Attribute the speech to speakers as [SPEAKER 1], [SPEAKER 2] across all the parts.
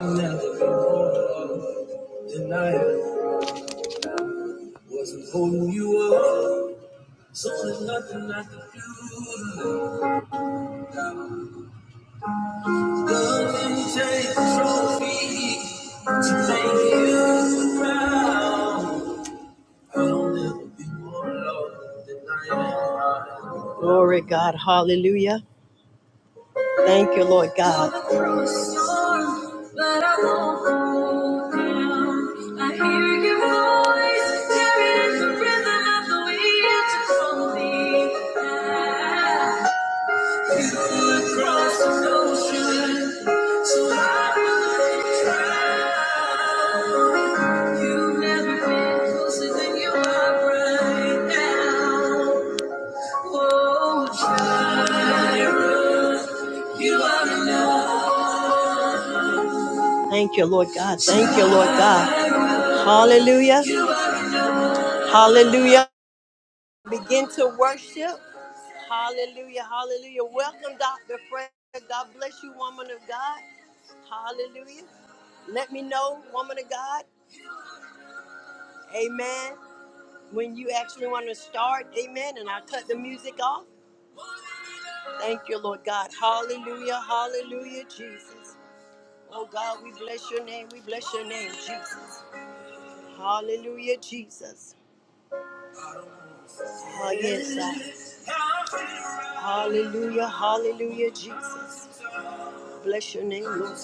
[SPEAKER 1] never been holding Denial wasn't holding you up. So there's nothing I can do. Nothing to take the trophy to make you proud. I'll never be more loved than I am. Glory God, hallelujah. Thank you, Lord God. You've never been closer than you are right now. Whoa. Thank you, Lord God. Thank you, Lord God. Hallelujah. Hallelujah. Begin to worship. Hallelujah, hallelujah. Welcome, Dr. Fred. God bless you, woman of God. Hallelujah. Let me know, woman of God. Amen. When you actually want to start, amen. And I cut the music off. Thank you, Lord God. Hallelujah, hallelujah, Jesus. Oh God, we bless your name. We bless your name, Jesus. Hallelujah, Jesus. Oh, yes, God. Hallelujah, hallelujah, Jesus. Bless your name, Lord.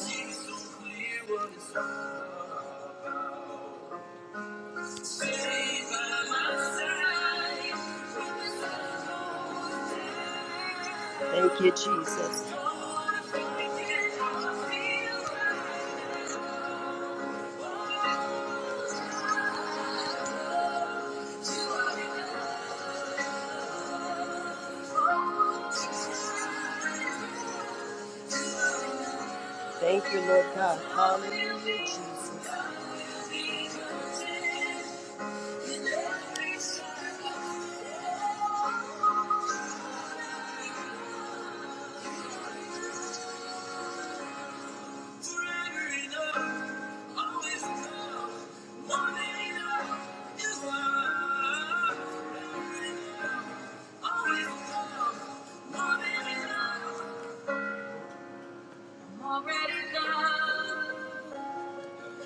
[SPEAKER 1] Thank you, Jesus. Thank you, Lord God. Hallelujah, Jesus. I'm already loved.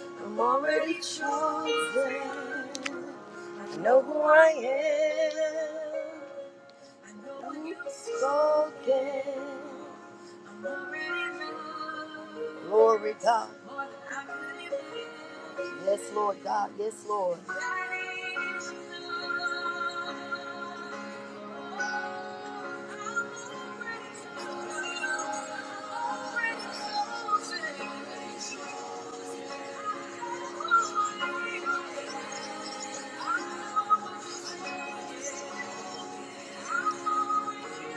[SPEAKER 1] I'm already chosen. I know who I am. I know when you've spoken, I'm already moved. Glory God. More than I could imagine. Yes, Lord God. Yes, Lord. I need you. I'm already chosen. I'm already chosen. I know what you said. I know what you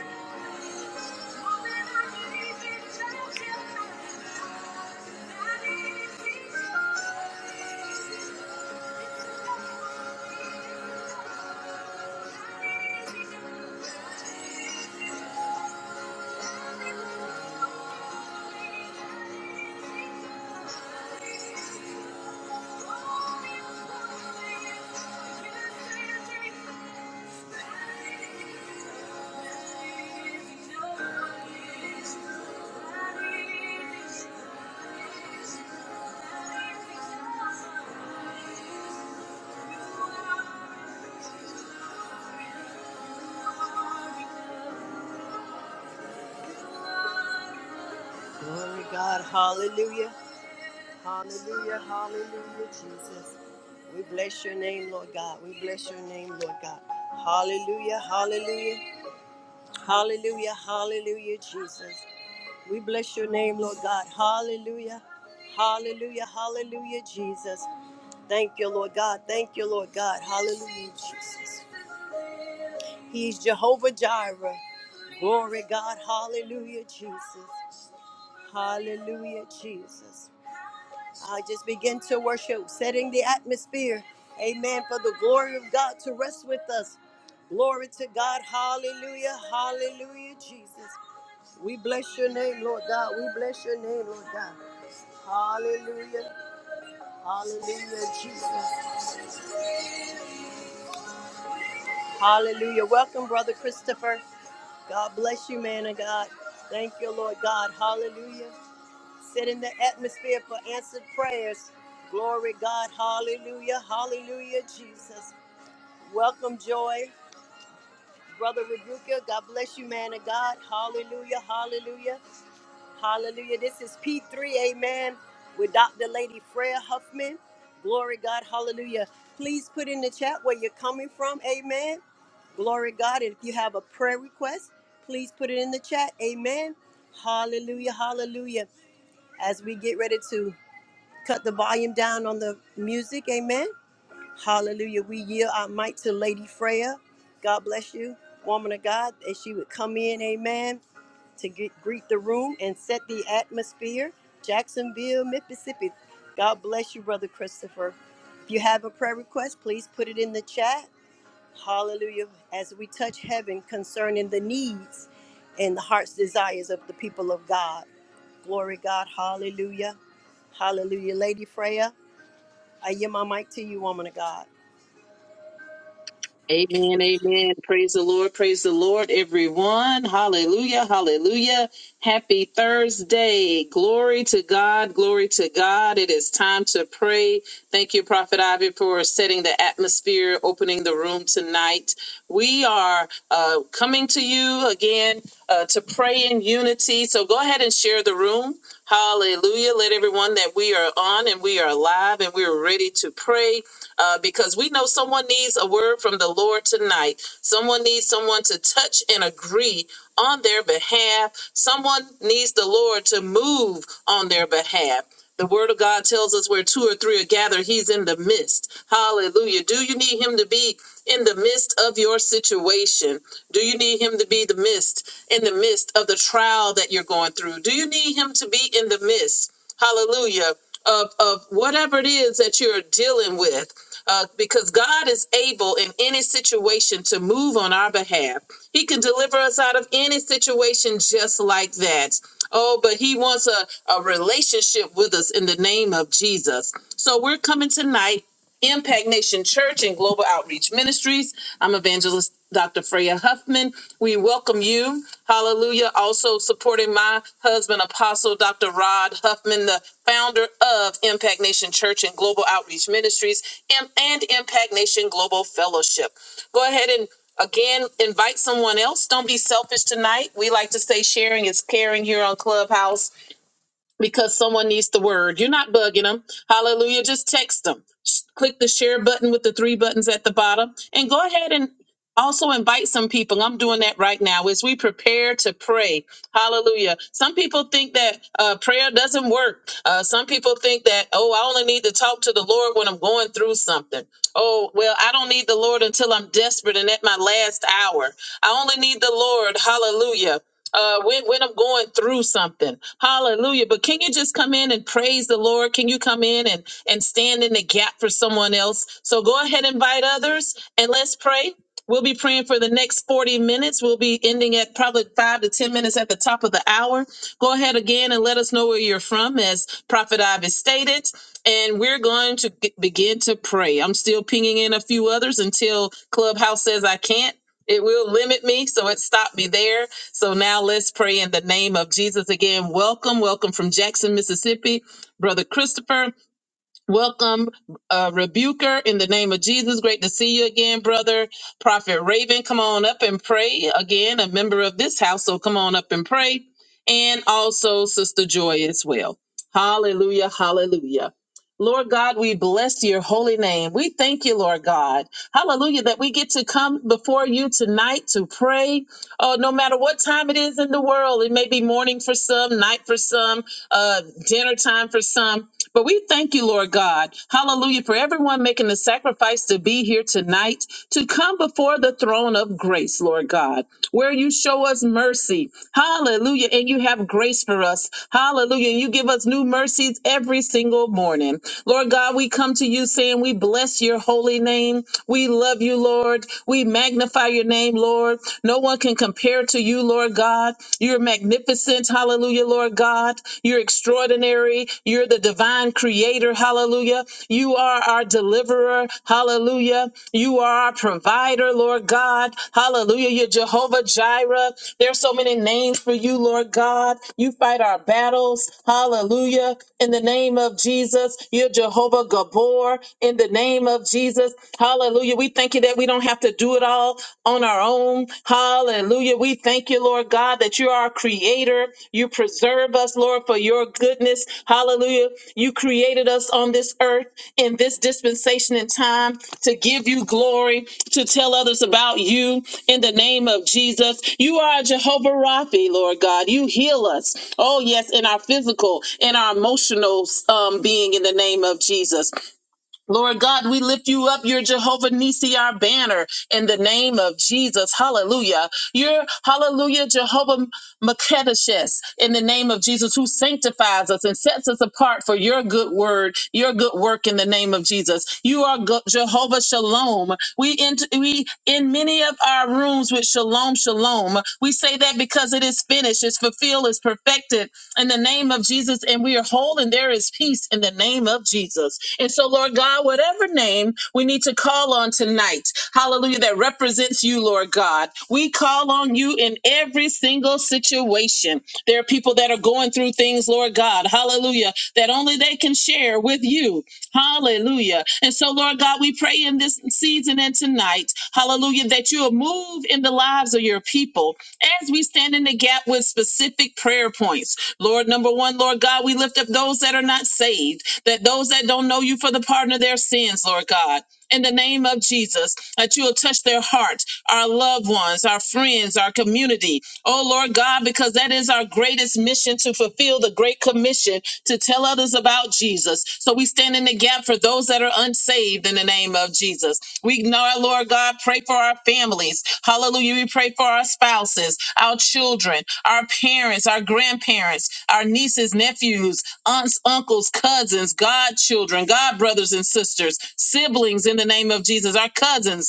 [SPEAKER 1] Glory to God, hallelujah. Hallelujah, hallelujah, Jesus. We bless your name, Lord God. We bless your name, Lord God. Hallelujah, hallelujah, hallelujah, hallelujah, Jesus. We bless your name, Lord God. Hallelujah, hallelujah, hallelujah, Jesus. Thank you, Lord God. Thank you, Lord God. Hallelujah, Jesus. He's Jehovah Jireh. Glory, God. Hallelujah, Jesus. Hallelujah, Jesus. I just begin to worship, setting the atmosphere. Amen. For the glory of God to rest with us. Glory to God. Hallelujah. Hallelujah, Jesus. We bless your name, Lord God. We bless your name, Lord God. Hallelujah. Hallelujah, Jesus. Hallelujah. Welcome, Brother Christopher. God bless you, man of God. Thank you, Lord God. Hallelujah. Set in the atmosphere for answered prayers. Glory, God. Hallelujah. Hallelujah, Jesus. Welcome, Joy. Brother Rebuka, God bless you, man of God. Hallelujah, hallelujah, hallelujah. This is P3, amen, with Dr. Lady Freya Huffman. Glory God, hallelujah. Please put in the chat where you're coming from, amen. Glory God, and if you have a prayer request, please put it in the chat, amen. Hallelujah, hallelujah. As we get ready to cut the volume down on the music, amen. Hallelujah. We yield our might to Lady Freya. God bless you, woman of God, that she would come in, amen, to get, greet the room and set the atmosphere. Jacksonville, Mississippi. God bless you, Brother Christopher. If you have a prayer request, please put it in the chat. Hallelujah. As we touch heaven concerning the needs and the heart's desires of the people of God. Glory God. Hallelujah. Hallelujah. Lady Freya, I yield my mic to you, woman of God.
[SPEAKER 2] Amen, amen. Praise the Lord, praise the Lord, everyone. Hallelujah, hallelujah. Happy Thursday. Glory to God, glory to God. It is time to pray. Thank you, Prophet Ivy, for setting the atmosphere, opening the room tonight. We are uh, coming to you again uh, to pray in unity. So go ahead and share the room. Hallelujah. Let everyone that we are on and we are live and we are ready to pray uh, because we know someone needs a word from the Lord tonight. Someone needs someone to touch and agree on their behalf. Someone needs the Lord to move on their behalf. The word of God tells us where two or three are gathered, he's in the midst. Hallelujah. Do you need him to be in the midst of your situation? Do you need him to be the midst in the midst of the trial that you're going through? Do you need him to be in the midst? Hallelujah. Of, of whatever it is that you're dealing with uh, because God is able in any situation to move on our behalf. He can deliver us out of any situation just like that. Oh, but He wants a, a relationship with us in the name of Jesus. So we're coming tonight Impact Nation Church and Global Outreach Ministries. I'm evangelist Dr. Freya Huffman. We welcome you. Hallelujah. Also supporting my husband, Apostle Dr. Rod Huffman, the founder of Impact Nation Church and Global Outreach Ministries and, and Impact Nation Global Fellowship. Go ahead and again invite someone else. Don't be selfish tonight. We like to say sharing is caring here on Clubhouse because someone needs the word. You're not bugging them. Hallelujah. Just text them. Sh- Click the share button with the three buttons at the bottom and go ahead and also invite some people. I'm doing that right now as we prepare to pray. Hallelujah. Some people think that uh, prayer doesn't work. Uh, some people think that, oh, I only need to talk to the Lord when I'm going through something. Oh, well, I don't need the Lord until I'm desperate and at my last hour. I only need the Lord. Hallelujah uh, when, when I'm going through something. Hallelujah. But can you just come in and praise the Lord? Can you come in and, and stand in the gap for someone else? So go ahead, invite others, and let's pray. We'll be praying for the next 40 minutes. We'll be ending at probably five to 10 minutes at the top of the hour. Go ahead again and let us know where you're from, as Prophet Ivis stated. And we're going to g- begin to pray. I'm still pinging in a few others until Clubhouse says I can't it will limit me so it stopped me there so now let's pray in the name of jesus again welcome welcome from jackson mississippi brother christopher Welcome, uh, Rebuker, in the name of Jesus. Great to see you again, brother. Prophet Raven, come on up and pray. Again, a member of this house, so come on up and pray. And also Sister Joy as well. Hallelujah, hallelujah. Lord God, we bless your holy name. We thank you, Lord God. Hallelujah, that we get to come before you tonight to pray. Oh, no matter what time it is in the world, it may be morning for some, night for some, uh, dinner time for some. But we thank you, Lord God. Hallelujah. For everyone making the sacrifice to be here tonight, to come before the throne of grace, Lord God, where you show us mercy. Hallelujah. And you have grace for us. Hallelujah. And you give us new mercies every single morning. Lord God, we come to you saying we bless your holy name. We love you, Lord. We magnify your name, Lord. No one can compare to you, Lord God. You're magnificent magnificent. Hallelujah, Lord God. You're extraordinary. You're the divine creator. Hallelujah. You are our deliverer. Hallelujah. You are our provider, Lord God. Hallelujah. You're Jehovah Jireh. There are so many names for you, Lord God. You fight our battles. Hallelujah. In the name of Jesus, you're Jehovah Gabor. In the name of Jesus, hallelujah. We thank you that we don't have to do it all it all on our own. Hallelujah. We thank you, Lord God, that you're our creator. You preserve us, Lord, for your goodness. Hallelujah. You created us on this earth in this dispensation and time to give you glory, to tell others about you in the name of Jesus. You are Jehovah Rapha, Lord God. You heal us. Oh, yes, in our physical, in our emotional um, being in the name of Jesus. Lord God, we lift you up. You're Jehovah Nissi, our banner in the name of Jesus. Hallelujah. You're hallelujah, Jehovah Makedeshes in the name of Jesus, who sanctifies us and sets us apart for your good word, your good work in the name of Jesus. You are Go- Jehovah Shalom. We in, we in many of our rooms with Shalom, Shalom. We say that because it is finished, it's fulfilled, it's perfected in the name of Jesus, and we are whole, and there is peace in the name of Jesus. And so, Lord God, whatever name we need to call on tonight, hallelujah, that represents you, Lord God, we call on you in every single situation. There are people that are going through things, Lord God, hallelujah, that only they can share with you, hallelujah. And so, Lord God, we pray in this season and tonight, hallelujah, that you will move in the lives of your people as we stand in the gap with specific prayer points. Lord, number one, Lord God, we lift up those that are not saved, that those that don't know you for the pardon of their sins, Lord God. In the name of Jesus, that you will touch their hearts, our loved ones, our friends, our community. Oh Lord God, because that is our greatest mission to fulfill the great commission to tell others about Jesus. So we stand in the gap for those that are unsaved in the name of Jesus. We know our Lord God, pray for our families. Hallelujah. We pray for our spouses, our children, our parents, our grandparents, our nieces, nephews, aunts, uncles, cousins, godchildren, godbrothers and sisters, siblings in the name of Jesus, our cousins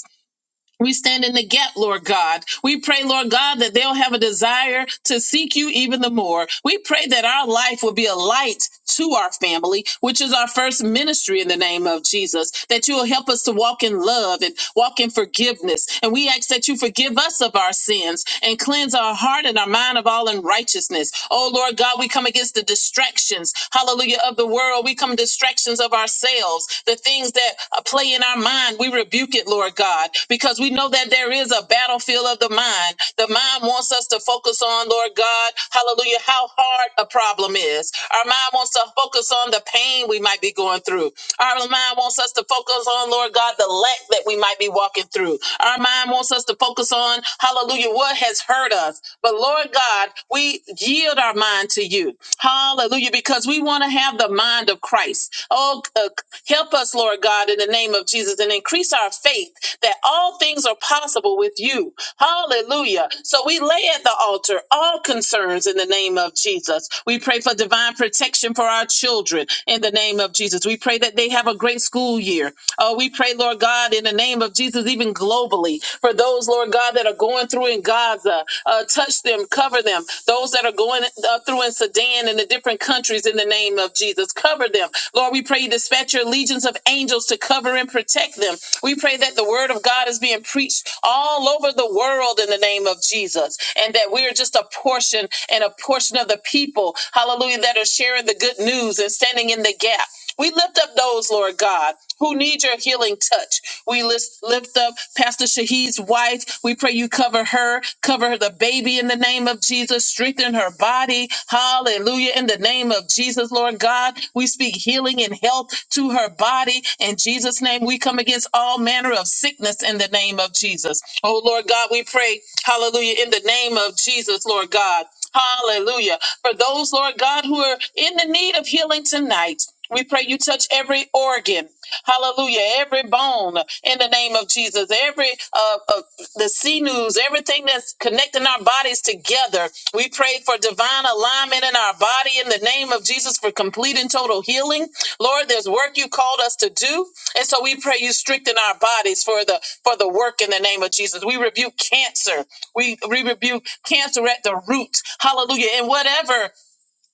[SPEAKER 2] we stand in the gap, Lord God. We pray, Lord God, that they'll have a desire to seek you even the more. We pray that our life will be a light to our family, which is our first ministry in the name of Jesus, that you will help us to walk in love and walk in forgiveness. And we ask that you forgive us of our sins and cleanse our heart and our mind of all unrighteousness. Oh, Lord God, we come against the distractions, hallelujah, of the world world. We come distractions of ourselves, the things that uh, play in our mind. We rebuke it, Lord God, because we know that there is a battlefield of the mind. The mind wants us to focus on, Lord God, hallelujah, how hard a problem is. Our mind wants to focus on the pain we might be going through. Our mind wants us to focus on, Lord God, the lack that we might be walking through. Our mind wants us to focus on, hallelujah, what has hurt hurt us. But Lord God, we yield our mind to you. Hallelujah. Because we want to have the mind of Christ. Oh, uh, help us, Lord God, in the name of Jesus and increase our faith that all things are possible with you. Hallelujah. So we lay at the altar all concerns in the name of Jesus. We pray for divine protection for our children in the name of Jesus. We pray that they have a great school year Oh, we pray, Lord God, in the name of Jesus, even globally, for those, Lord God, that are going through in Gaza, uh, touch them, cover them. Those that are going uh, through in Sudan and the different countries, in the name of Jesus, cover them. Lord, we pray you dispatch your legions of angels to cover and protect them. We pray that the word of God is being preached all over the world in the name of Jesus, and that we are just a portion and a portion of the people, hallelujah, that are sharing the good news and standing in the gap. We lift up those, Lord God, who need your healing touch. We list, lift up Pastor Shahid's wife. We pray you cover her, cover her, the baby in the name of Jesus, strengthen her body. Hallelujah. In the name of Jesus, Lord God, we speak healing and health to her body. In Jesus' name, we come against all manner of sickness in the name of Jesus. Oh, Lord God, we pray, hallelujah, in the name of Jesus, Lord God. Hallelujah. For those, Lord God, who are in the need of healing tonight, we pray you touch every organ, hallelujah, every bone in the name of Jesus, every uh, uh, the sinews, everything that's connecting our bodies together. We pray for divine alignment in our body in the name of Jesus for complete and total healing. Lord, there's work you called us to do, and so we pray you strengthen our bodies for the for the work in the name of Jesus. We rebuke cancer. We we rebuke cancer at the root, hallelujah, and whatever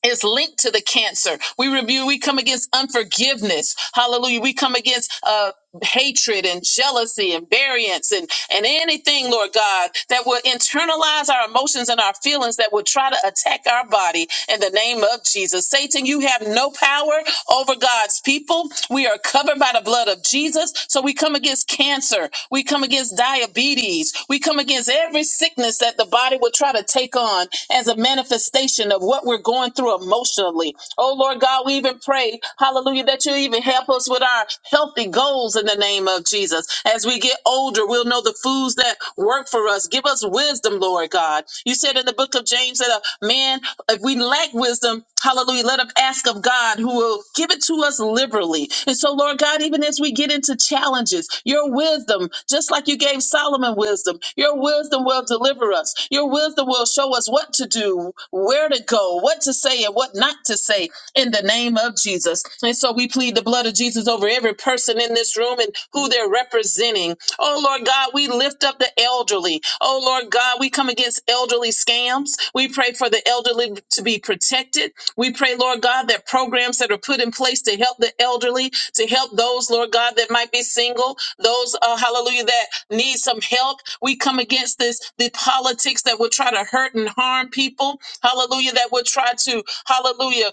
[SPEAKER 2] is linked to the cancer. We review, we come against unforgiveness. Hallelujah. We come against uh hatred and jealousy and variance and and anything lord god that will internalize our emotions and our feelings that will try to attack our body in the name of jesus satan you have no power over god's people we are covered by the blood of jesus so we come against cancer We. We come against diabetes. We come against every sickness that the body will try to take on as a manifestation of what we're going through emotionally. Oh, Lord God, we even pray, hallelujah, that you even help us with our healthy goals in the name of Jesus. As we get older, we'll know the foods that work for us. Give us wisdom, Lord God. You said in the book of James that a man, if we lack wisdom, Hallelujah. Let us ask of God who will give it to us liberally. And so, Lord God, even as we get into challenges, your wisdom, just like you gave Solomon wisdom, your wisdom will deliver us. Your wisdom will show us what to do, where to go, what to say, and what not to say in the name of Jesus. And so we plead the blood of Jesus over every person in this room and who they're representing. Oh, Lord God. God, we lift up the elderly. Oh, Lord God, we come against elderly scams. We pray for the elderly to be protected. We pray, Lord God, that programs that are put in place to help the elderly, to help those, Lord God, that might be single, those, uh, hallelujah, that need some help. We come against this, the politics that will try to hurt and harm people. Hallelujah, that will try to, hallelujah,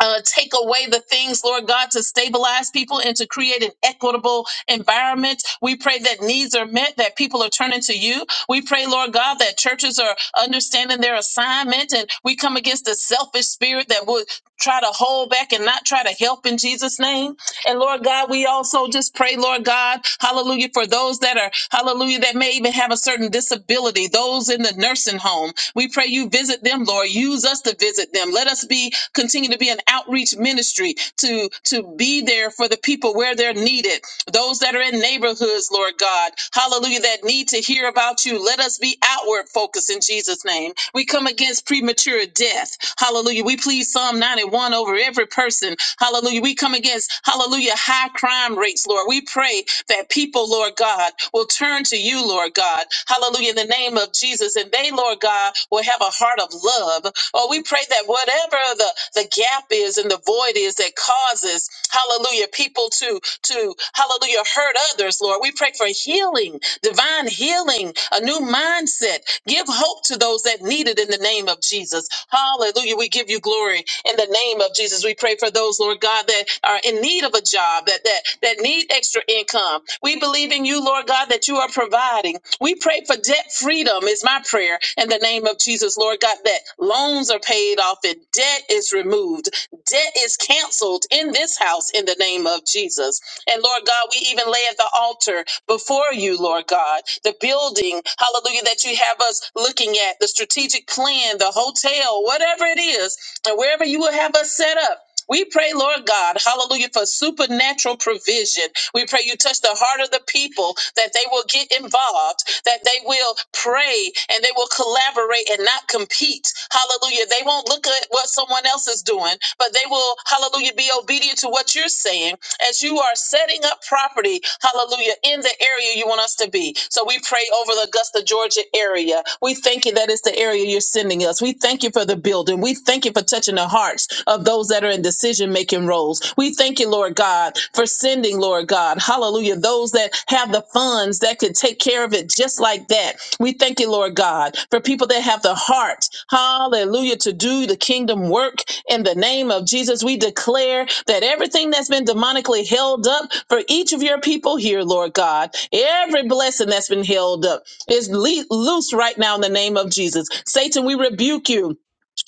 [SPEAKER 2] uh, take away the things, Lord God, to stabilize people and to create an equitable environment. We pray that needs are met, that people are turning to you. We pray, Lord God, that churches are understanding their assignment and we come against the selfish spirit that would try to hold back and not try to help in Jesus' name. And Lord God, we also just pray, Lord God, hallelujah, for those that are, hallelujah, that may even have a certain disability, those in the nursing home. We pray you visit them, Lord. Use us to visit them. Let us be, continue to be an outreach ministry to, to be there for the people where they're needed those that are in neighborhoods, Lord God, hallelujah, that need to hear about you. Let us be outward focused in Jesus' name. We come against premature death, hallelujah. We plead Psalm 91 over every person, hallelujah. We come against, hallelujah, high crime rates, Lord. We pray that people, Lord God, will turn to you, Lord God, hallelujah, in the name of Jesus, and they, Lord God, will have a heart of love. Oh, we pray that whatever the, the gap is and the void is that causes hallelujah people to to hallelujah hurt others lord we pray for healing divine healing a new mindset give hope to those that need it in the name of jesus hallelujah we give you glory in the name of jesus we pray for those lord god that are in need of a job that that that need extra income we believe in you lord god that you are providing we pray for debt freedom is my prayer in the name of jesus lord god that loans are paid off and debt is removed debt is canceled in this house in the name of Jesus. And Lord God, we even lay at the altar before you, Lord God, the building, hallelujah, that you have us looking at, the strategic plan, the hotel, whatever it is, and wherever you will have us set up. We pray, Lord God, hallelujah, for supernatural provision. We pray you touch the heart of the people that they will get involved, that they will pray and they will collaborate and not compete. Hallelujah. They won't look at what someone else is doing, but they will, hallelujah, be obedient to what you're saying as you are setting up property, hallelujah, in the area you want us to be. So we pray over the Augusta, Georgia area. We thank you that it's the area you're sending us. We thank you for the building. We thank you for touching the hearts of those that are in decision making roles. We thank you, Lord God, for sending, Lord God, hallelujah, those that have the funds that can take care of it servant just like that. We thank you, Lord God, for people that have the heart, hallelujah, to do the kingdom work in the name of Jesus. We declare that everything that's been demonically held up for each of your people here, Lord God, every blessing that's been held up is le- loose right now in the name of Jesus. Satan, we rebuke you.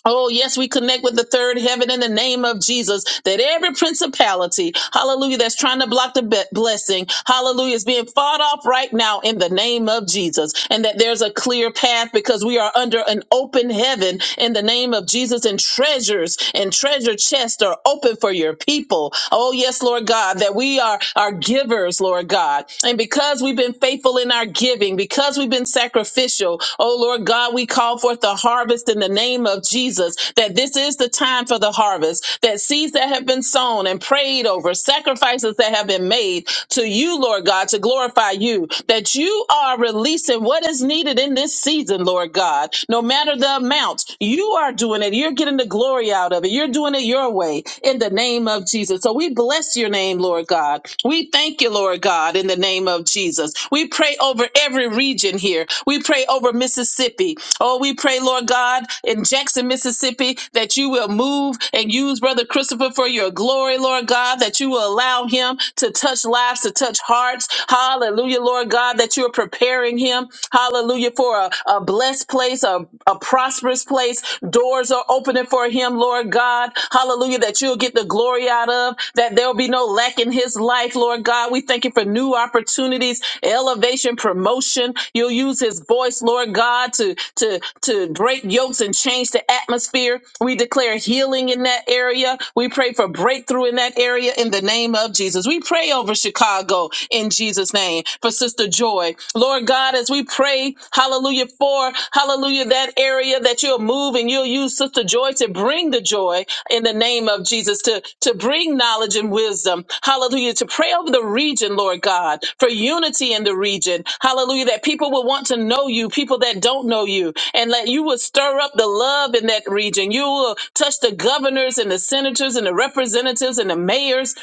[SPEAKER 2] Oh, yes, we connect with the third heaven in the name of Jesus. That every principality, hallelujah, that's trying to block the be- blessing, hallelujah, is being fought off right now in the name of Jesus. And that there's a clear path because we are under an open heaven in the name of Jesus. And treasures and treasure chests are open for your people. Oh, yes, Lord God, that we are, are givers, Lord God. And because we've been faithful in our giving, giving, because we've been sacrificial. Oh Lord God, we call forth the harvest in the name of Jesus, that this is the time for the harvest, that seeds that have been sown and prayed over, sacrifices that have been made to you, Lord God, to glorify you, that you are releasing what is needed in this season, Lord God, no matter the amount. You are doing it. You're getting the glory out of it. You're doing it your way in the name of Jesus. So we bless bless your name, Lord God. We thank you, Lord God, in the name of Jesus. We pray over every region here. We pray over Mississippi. Oh, we pray, Lord God, in Jackson, Mississippi, that you will move and use Brother Christopher for your glory, Lord God, that you will allow him to touch lives, to touch hearts. Hallelujah, Lord God, that you are preparing him, hallelujah, for a, a blessed place, a, a prosperous place, doors are opening for him, Lord God. Hallelujah, that you'll get the glory out of, that there'll be no lack in his life, Lord God. We thank you for new opportunities, elevation, promotion. You'll use his voice, Lord God, to to to break yokes and change the atmosphere. We declare healing in that area. We pray for breakthrough in that area in the name of Jesus. We pray over Chicago in Jesus' name for Sister Joy. Lord Lord God, as we pray, hallelujah, for hallelujah, that area that you'll move and you'll use Sister Joy to bring the joy in the name of Jesus, to, to bring knowledge and wisdom, hallelujah, to pray over the region, Lord God, for unity in the region, hallelujah, that people will want to know you, people that don't know you, and that you will stir up the love in that region. You will touch the governors and the senators and the representatives and the mayors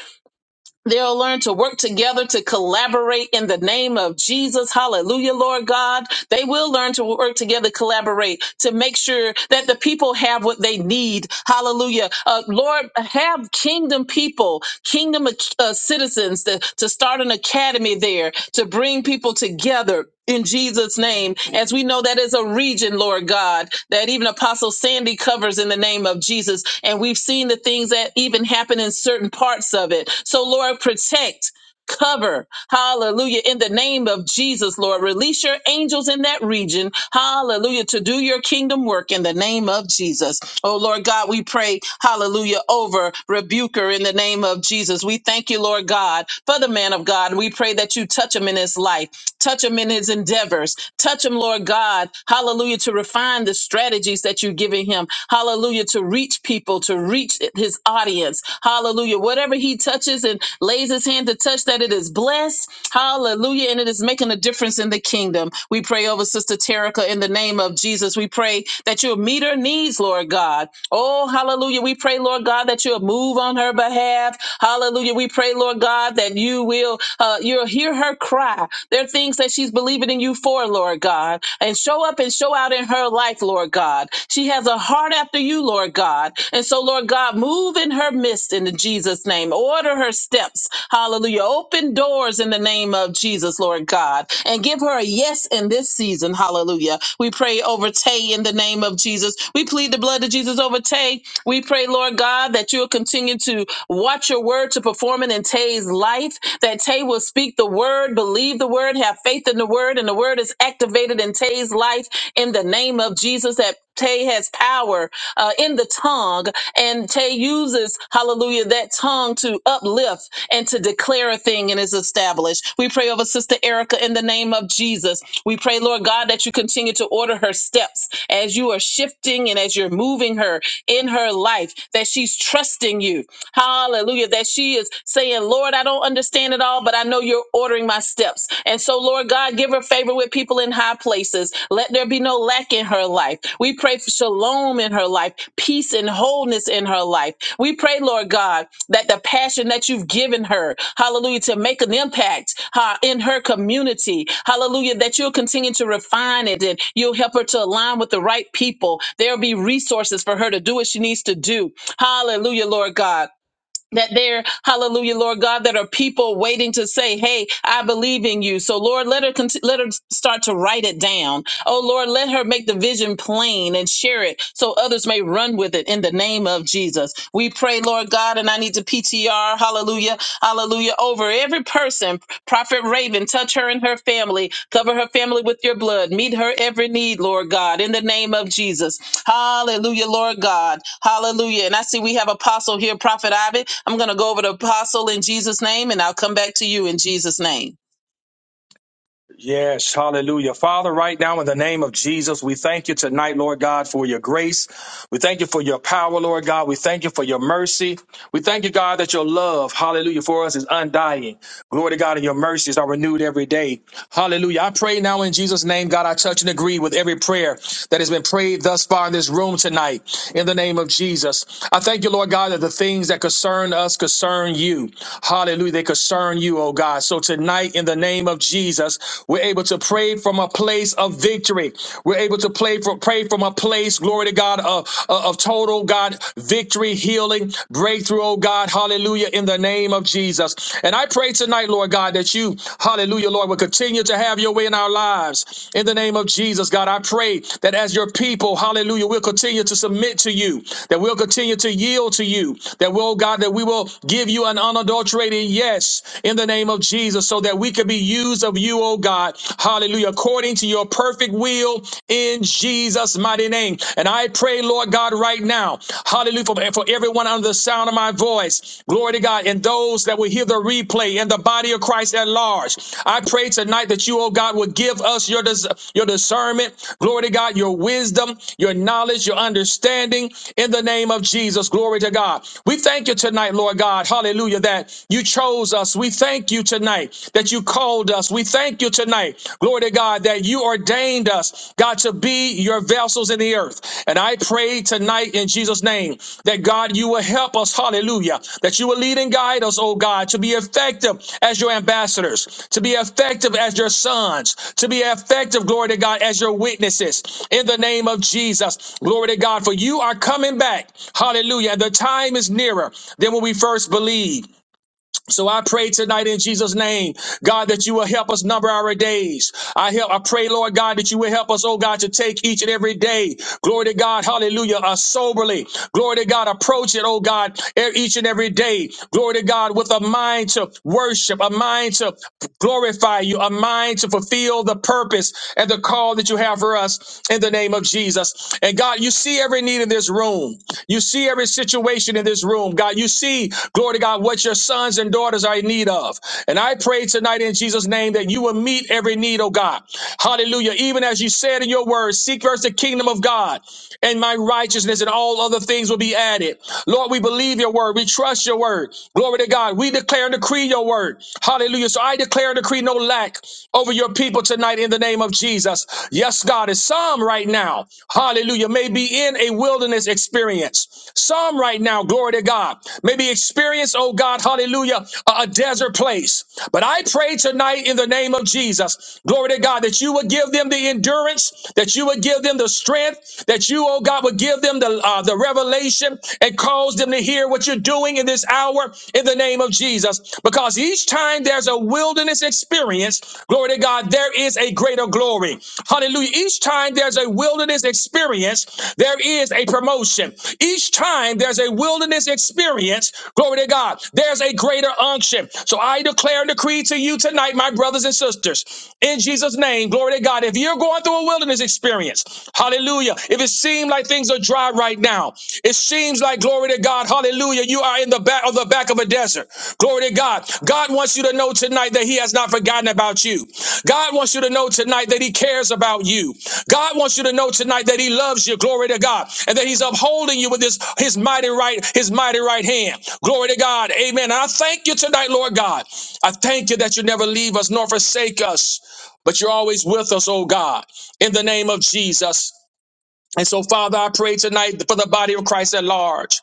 [SPEAKER 2] They'll learn to work together to collaborate in the name of Jesus. Hallelujah, Lord God. They will learn to work together, collaborate to make sure that the people have what they need. Hallelujah. Uh, Lord, have kingdom people, kingdom uh, citizens prisons, to, to start an academy there, to bring people together in Jesus' name. As we know, that is a region, Lord God, that even Apostle Sandy covers in the name of Jesus. And we've seen the things that even happen in certain parts of it. So, Lord, protect. Cover, hallelujah, in the name of Jesus, Lord. Release your angels in that region, hallelujah, to do your kingdom work in the name of Jesus. Oh, Lord God, we pray, hallelujah, over Rebuker in the name of Jesus. We thank you, Lord God, for the man of God. We pray that you touch him in his life. Touch him in his endeavors. Touch him, Lord God. Hallelujah. To refine the strategies that you're giving him. Hallelujah. To reach people, to reach his audience. Hallelujah. Whatever he touches and lays his hand to touch, that it is blessed. Hallelujah. And it is making a difference in the kingdom. We pray over Sister Terica in the name of Jesus. We pray that you'll meet her needs, Lord God. Oh, hallelujah. We pray, Lord God, that you'll move on her behalf. Hallelujah. We pray, Lord God, that you will, uh, you'll hear her cry. There are things that she's believing in you for, Lord God, and show up and show out in her life, Lord God. She has a heart after you, Lord God. And so, Lord God, move in her midst in Jesus' name. Order her steps. Hallelujah. Open doors in the name of Jesus, Lord God, and give her a yes in this season. Hallelujah. We pray over Tay in the name of Jesus. We plead the blood of Jesus over Tay. We pray, Lord God, that you'll continue to Watch your word to perform it in Tay's life, that Tay will speak the word, believe the word, have faith in the word, and the word is activated in Tay's life in the name of Jesus, that Tay has power uh, in the tongue, and Tay uses, hallelujah, that tongue to uplift and to declare a thing and is established. We pray over Sister Erica in the name of Jesus. We pray, Lord God, that you continue to order her steps as you are shifting and as you're moving her in her life, that she's trusting you Hallelujah. That she is saying, Lord, I don't understand it all, but I know you're ordering my steps. And so, Lord God, give her favor with people in high places. Let there be no lack in her life. We pray for shalom in her life, peace and wholeness in her life. We pray, Lord God, that the passion that you've given her, hallelujah, to make an impact uh, in her community, hallelujah, that you'll continue to refine it and you'll help her to align with the right people. There'll be resources for her to do what she needs to do. Hallelujah, Lord God that there, hallelujah, Lord God, that are people waiting to say, Hey, I believe in you. So Lord, let her, cont- let her start to write it down. Oh Lord, let her make the vision plain and share it so others may run with it in the name of Jesus. We pray, Lord God, and I need to PTR, hallelujah, hallelujah, over every person. Prophet Raven, touch her and her family, cover her family with your blood, meet her every need, Lord God, in the name of Jesus. Hallelujah, Lord God. Hallelujah. And I see we have Apostle here, Prophet Ivan. I'm going to go over to Apostle in Jesus' name, and I'll come back to you in Jesus' name.
[SPEAKER 3] Yes, hallelujah. Father, right now in the name of Jesus, we thank you tonight, Lord God, for your grace. We thank you for your power, Lord God. We thank you for your mercy. We thank you, God, that your love, hallelujah, for us is undying. Glory to God, and your mercies are renewed every day. Hallelujah. I pray now in Jesus' name, God, I touch and agree with every prayer that has been prayed thus far in this room tonight in the name of Jesus. I thank you, Lord God, that the things that concern us concern you. Hallelujah. They concern you, oh God. So tonight, in the name name of Jesus. We're able to pray from a place of victory. We're able to pray from pray from a place, glory to God, of, of of total God victory, healing, breakthrough, oh God, hallelujah, in the name of Jesus. And I pray tonight, Lord God, that you, hallelujah, Lord, will continue to have your way in our lives. In the name of Jesus, God, I pray that as your people, hallelujah, we'll continue to submit to you, that we'll continue to yield to you, that we'll, God, that we will give you an unadulterated yes in the name of Jesus. Jesus, so that we could be used of you, oh God. Hallelujah. According to your perfect will in Jesus' mighty name. And I pray, Lord God, right now, hallelujah, for, for everyone under the sound of my voice, glory to God, and those that will hear the replay and the body of Christ at large. I pray tonight that you, oh God, would give us your, dis- your discernment, glory to God, your wisdom, your knowledge, your understanding in the name of Jesus. Glory to God. We thank you tonight, Lord God, hallelujah, that you chose chose us. We thank you tonight that you called us. We thank you tonight, glory to God, that you ordained us, God, to be your vessels in the earth. And I pray tonight in Jesus' name that God, you will help us, hallelujah, that you will lead and guide us, oh God, to be effective as your ambassadors, to be effective as your sons, to be effective, glory to God, as your witnesses in the name of Jesus. Glory to God, for you are coming back, hallelujah. And the time is nearer than when we first believed. So I pray tonight in Jesus' name, God, that you will help us number our days. I help, I pray, Lord God, that you will help us, oh God, to take each and every day. Glory to God, hallelujah, uh, soberly. Glory to God, approach it, oh God, e- each and every day. Glory to God, with a mind to worship, a mind to glorify you, a mind to fulfill the purpose and the call that you have for us in the name of Jesus. And God, you see every need in this this room. You see every situation in this room, God. You see, glory to God, what your sons and daughters are in need of. And I pray tonight in Jesus' name that you will meet every need, oh God. Hallelujah. Even as you said in your word, seek first the kingdom of God and my righteousness, and all other things will be added. Lord, we believe your word. We trust your word. Glory to God. We declare and decree your word. Hallelujah. So I declare and decree no lack over your people tonight tonight in the name of Jesus. Yes, God, is some right now, hallelujah, may be in a wilderness experience. Some right now, glory to God, may be experience, oh God, hallelujah, a, a desert place. But I pray tonight in the name of Jesus, glory to God, that you would give them the endurance, that you would give them the strength, that you, oh God, would give them the, uh, the revelation and cause them to hear what you're doing in this hour in the name name of Jesus. Because each time there's a wilderness experience, glory to God, there is a greater glory. Hallelujah. Each time there's a wilderness experience, there is a promotion. Each time there's a wilderness experience, glory to God, there's a greater unction. So I declare and decree to you tonight, my brothers and sisters, in Jesus' name, glory to God. If you're going through a wilderness experience, hallelujah. If it seemed like things things are dry right now. It seems like glory to God, hallelujah, you are in the back of the back of a desert. Glory to God. God wants you to know tonight that He has not forgotten about you. God wants you to know tonight that He cares about you. God wants you to know tonight that He loves you. Glory to God, and that He's upholding you with His His mighty right His mighty right hand. Glory to God. Amen. And I thank you tonight, Lord God. I thank you that you never leave us nor forsake us, but you're always with us, oh God. In the name of Jesus. And so, Father, I pray tonight for the body of Christ at large.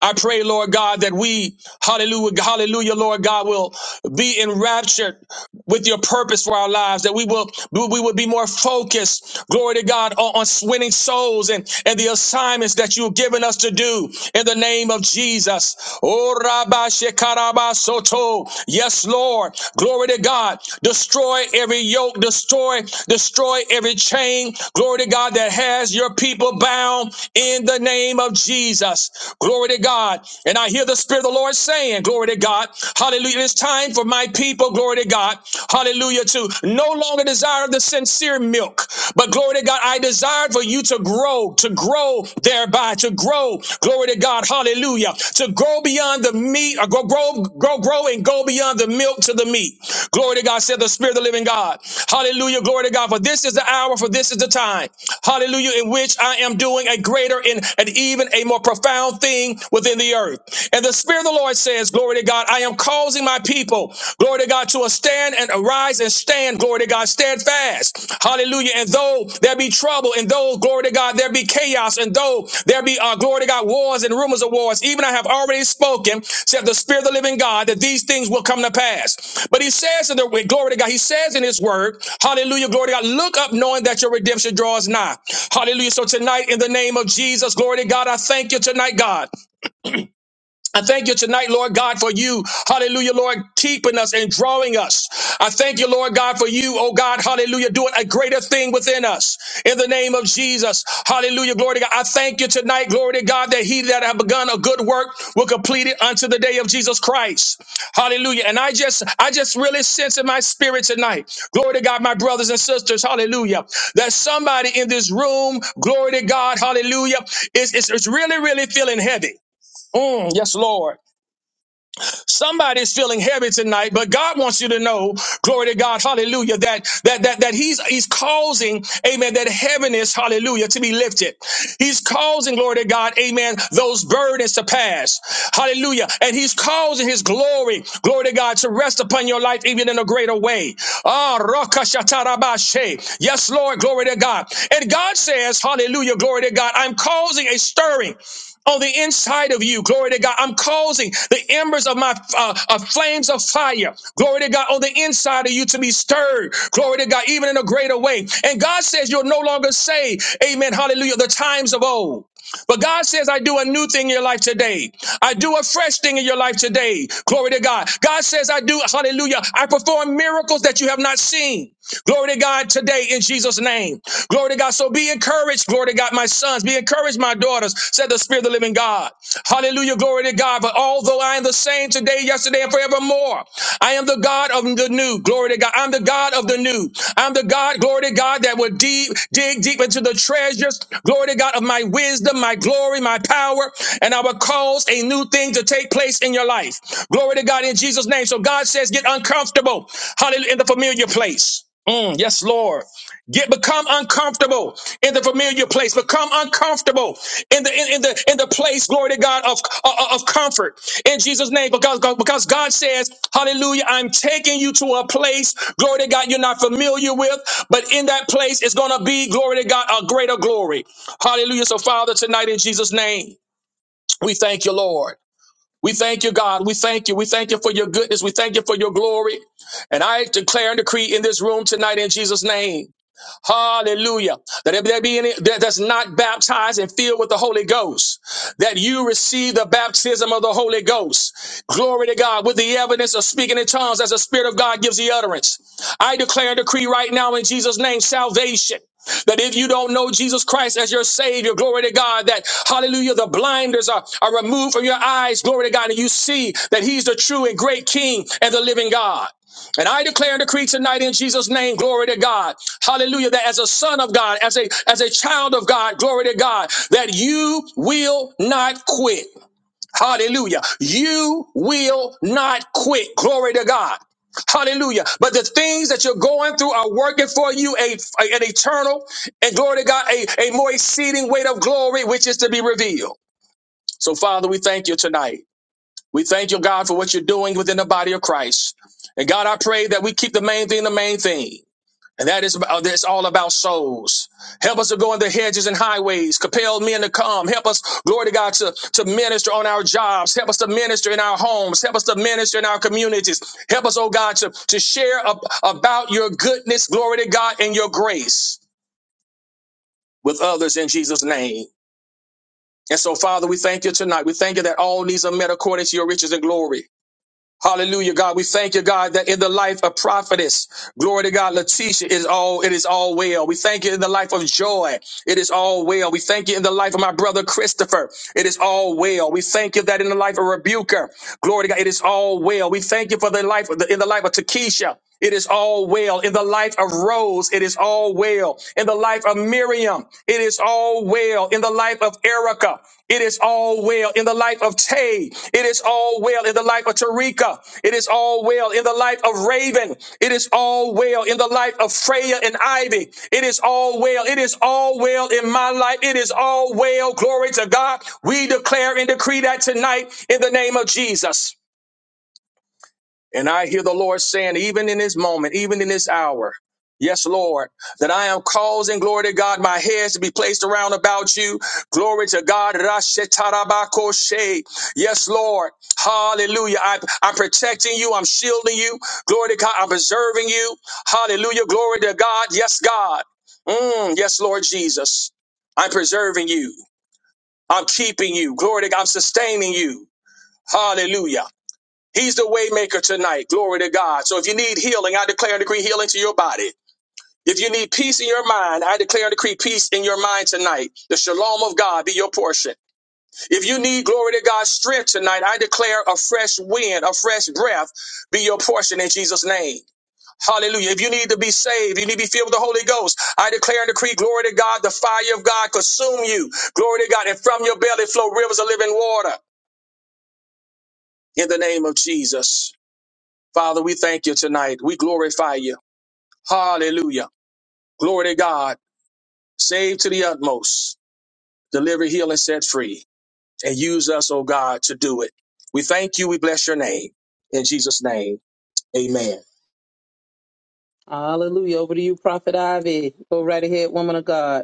[SPEAKER 3] I pray, Lord God, that we, hallelujah, hallelujah, Lord God, will be enraptured with your purpose for our lives, that we will we will be more focused, glory to God, on, on winning souls and, and the assignments that you've given us to do in the name of Jesus. Oh, Rabba Shekaraba Soto. Yes, Lord. Glory to God. Destroy every yoke, destroy, destroy every chain. Glory to God that has your people bound in the name of Jesus. Glory to God. And I hear the Spirit of the Lord saying, Glory to God. Hallelujah it's time for my people, glory to God, hallelujah, to no longer desire the sincere milk, but glory to God, I desire for you to grow, to grow thereby, to grow, glory to God, hallelujah, to grow beyond the meat, or go grow, grow, grow, and go beyond the milk to the meat. Glory to God, said the Spirit of the living God. Hallelujah, glory to God, for this is the hour, for this is the time, hallelujah, in which I am doing a greater and, and even a more profound thing within the earth. And the Spirit of the Lord. Lord says, Glory to God, I am causing my people, glory to God, to a stand and arise and stand, glory to God, steadfast. Hallelujah. And though there be trouble, and though, glory to God, there be chaos, and though there be, uh, glory to God, wars and rumors of wars, even I have already spoken, said the Spirit of the living God, that these things will come to pass. But he says in the glory to God, he says in his word, hallelujah, glory to God, look up knowing that your redemption draws nigh. Hallelujah. So tonight, in the name of Jesus, glory to God, I thank you tonight, God. I thank you tonight, Lord God, for you, hallelujah, Lord, keeping us and drawing us. I thank you, Lord God, for you, oh God, hallelujah, doing a greater thing within us. In the name of Jesus, hallelujah, glory to God. I thank you tonight, glory to God, that he that have begun a good work will complete it unto the day of Jesus Christ. Hallelujah. And I just, I just really sense in my spirit tonight, glory to God, my brothers and sisters, hallelujah, that somebody in this room, glory to God, hallelujah, is, is, is really, really feeling heavy. Mm, yes, Lord. Somebody's feeling heavy tonight, but God wants you to know, glory to God, hallelujah, that that that that He's He's causing, amen, that heaviness, hallelujah, to be lifted. He's causing, glory to God, amen, those burdens to pass. Hallelujah. And He's causing His glory, glory to God, to rest upon your life even in a greater way. Ah, rakashatarabashe. Yes, Lord, glory to God. And God says, Hallelujah, glory to God. I'm causing a stirring on the inside of you. Glory to God. I'm causing the embers of my uh, of flames of fire. Glory to God on the inside of you to be stirred. Glory to God, even in a greater way. And God says you're no longer saved. Amen. Hallelujah. The times of old. But God says, I do a new thing in your life today. I do a fresh thing in your life today. Glory to God. God says, I do, hallelujah. I perform miracles that you have not seen. Glory to God today in Jesus' name. Glory to God. So be encouraged. Glory to God, my sons. Be encouraged, my daughters, said the Spirit of the living God. Hallelujah. Glory to God. But although I am the same today, yesterday, and forever, forevermore. I am the God of the new. Glory to God. I'm the God of the new. I'm the God, glory to God, that will deep, dig deep into the treasures. Glory to God of my wisdom, my glory, my power, and I will cause a new thing to take place in your life. Glory to God in Jesus' name. So God says, get uncomfortable. Hallelujah. In the familiar place. Mm, yes, Lord. Get become uncomfortable in the familiar place. Become uncomfortable in the in, in the in the place, glory to God, of, of of comfort in Jesus' name. Because because God says, Hallelujah, I'm taking you to a place, glory to God, you're not familiar with, but in that place it's gonna be, glory to God, a greater glory. Hallelujah. So, Father, tonight in Jesus' name, we thank you, Lord. We thank you, God. We thank you. We thank you for your goodness. We thank you for your glory. And I declare and decree in this room tonight in Jesus' name. Hallelujah. That if there be any that that's not baptized and filled with the Holy Ghost, that you receive the baptism of the Holy Ghost. Glory to God. With the evidence of speaking in tongues as the Spirit of God gives the utterance. I declare and decree right now in Jesus' name salvation. That if you don't know Jesus Christ as your Savior, glory to God, that hallelujah, the blinders are, are removed from your eyes, glory to God, and you see that He's the true and great King and the living God. And I declare and decree tonight in Jesus' name, glory to God. Hallelujah. That as a son of God, as a as a child of God, glory to God, that you will not quit. Hallelujah. You will not quit. Glory to God. Hallelujah. But the things that you're going through are working for you a, an eternal and glory to God, a, a more exceeding weight of glory, which is to be revealed. So, Father, we thank you tonight. We thank you, God, for what you're doing within the body of Christ. And God, I pray that we keep the main thing the main thing. And that is uh, that's all about souls. Help us to go in the hedges and highways. Compel men to come. Help us, glory to God, to, to minister on our jobs. Help us to minister in our homes. Help us to minister in our communities. Help us, oh God, to, to share ab- about your goodness, glory to God, and your grace with others in Jesus' name. And so, Father, we thank you tonight. We thank you that all needs are met according to your riches and glory. Hallelujah, God. We thank you, God, that in the life of prophetess, glory to God, Letitia is all, it is all well. We thank you in the life of Joy. It is all well. We thank you in the life of my brother Christopher. It is all well. We thank you that in the life of Rebuker, glory to God, it is all well. We thank you for the life of the, in the life of Takesha it is all well. In the life of Rose, it is all well. In the life of Miriam, it is all well. In the life of Erica, it is all well. In the life of Tay, it is all well. In the life of Tarika, it is all well. In the life of Raven, it is all well. In the life of Freya and Ivy, it is all well. It is all well in my life. It is all well. Glory to God. We declare and decree that tonight in the name of Jesus. And I hear the Lord saying, even in this moment, even in this hour, yes, Lord, that I am causing, glory to God, my hands to be placed around about you. Glory to God. Rashetarabakoshe. Yes, Lord. Hallelujah. I, I'm protecting you. I'm shielding you. Glory to God. I'm preserving you. Hallelujah. Glory to God. Yes, God. Mm, yes, Lord Jesus. I'm preserving you. I'm keeping you. Glory to God. I'm sustaining you. Hallelujah. He's the waymaker tonight. Glory to God. So if you need healing, I declare and decree healing to your body. If you need peace in your mind, I declare and decree peace in your mind tonight. The shalom of God be your portion. If you need glory to God strength tonight, I declare a fresh wind, a fresh breath be your portion in Jesus' name. Hallelujah. If you need to be saved, you need to be filled with the Holy Ghost. I declare and decree, glory to God, the fire of God consume you. Glory to God. And from your belly flow rivers of living water in the name of Jesus. Father, we thank you tonight. We glorify you. Hallelujah. Glory to God. Save to the utmost. Deliver, heal, and set free. And use us, oh God, to do it. We thank you. We bless your name. In Jesus' name. Amen.
[SPEAKER 2] Hallelujah. Over to you, Prophet Ivy. Go right ahead, woman of God.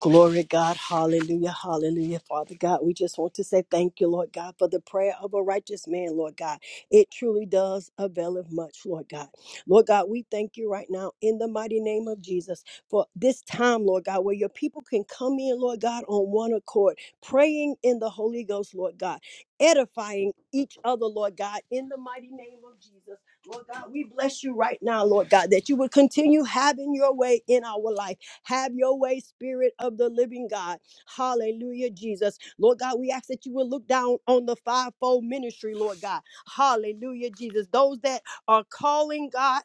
[SPEAKER 1] Glory, God. Hallelujah. Hallelujah. Father God, we just want to say thank you, Lord God, for the prayer of a righteous man, Lord God. It truly does avail of much, Lord God. Lord God, we thank you right now in the mighty name of Jesus for this time, Lord God, where your people can come in, Lord God, on one accord, praying in the Holy Ghost, Lord God, edifying each other, Lord God, in the mighty name of Jesus. Lord God, we bless you right now, Lord God, that you would continue having your way in our life. Have your way, Spirit of the living God. Hallelujah, Jesus. Lord God, we ask that you will look down on the fivefold ministry, Lord God. Hallelujah, Jesus. Those that are calling God,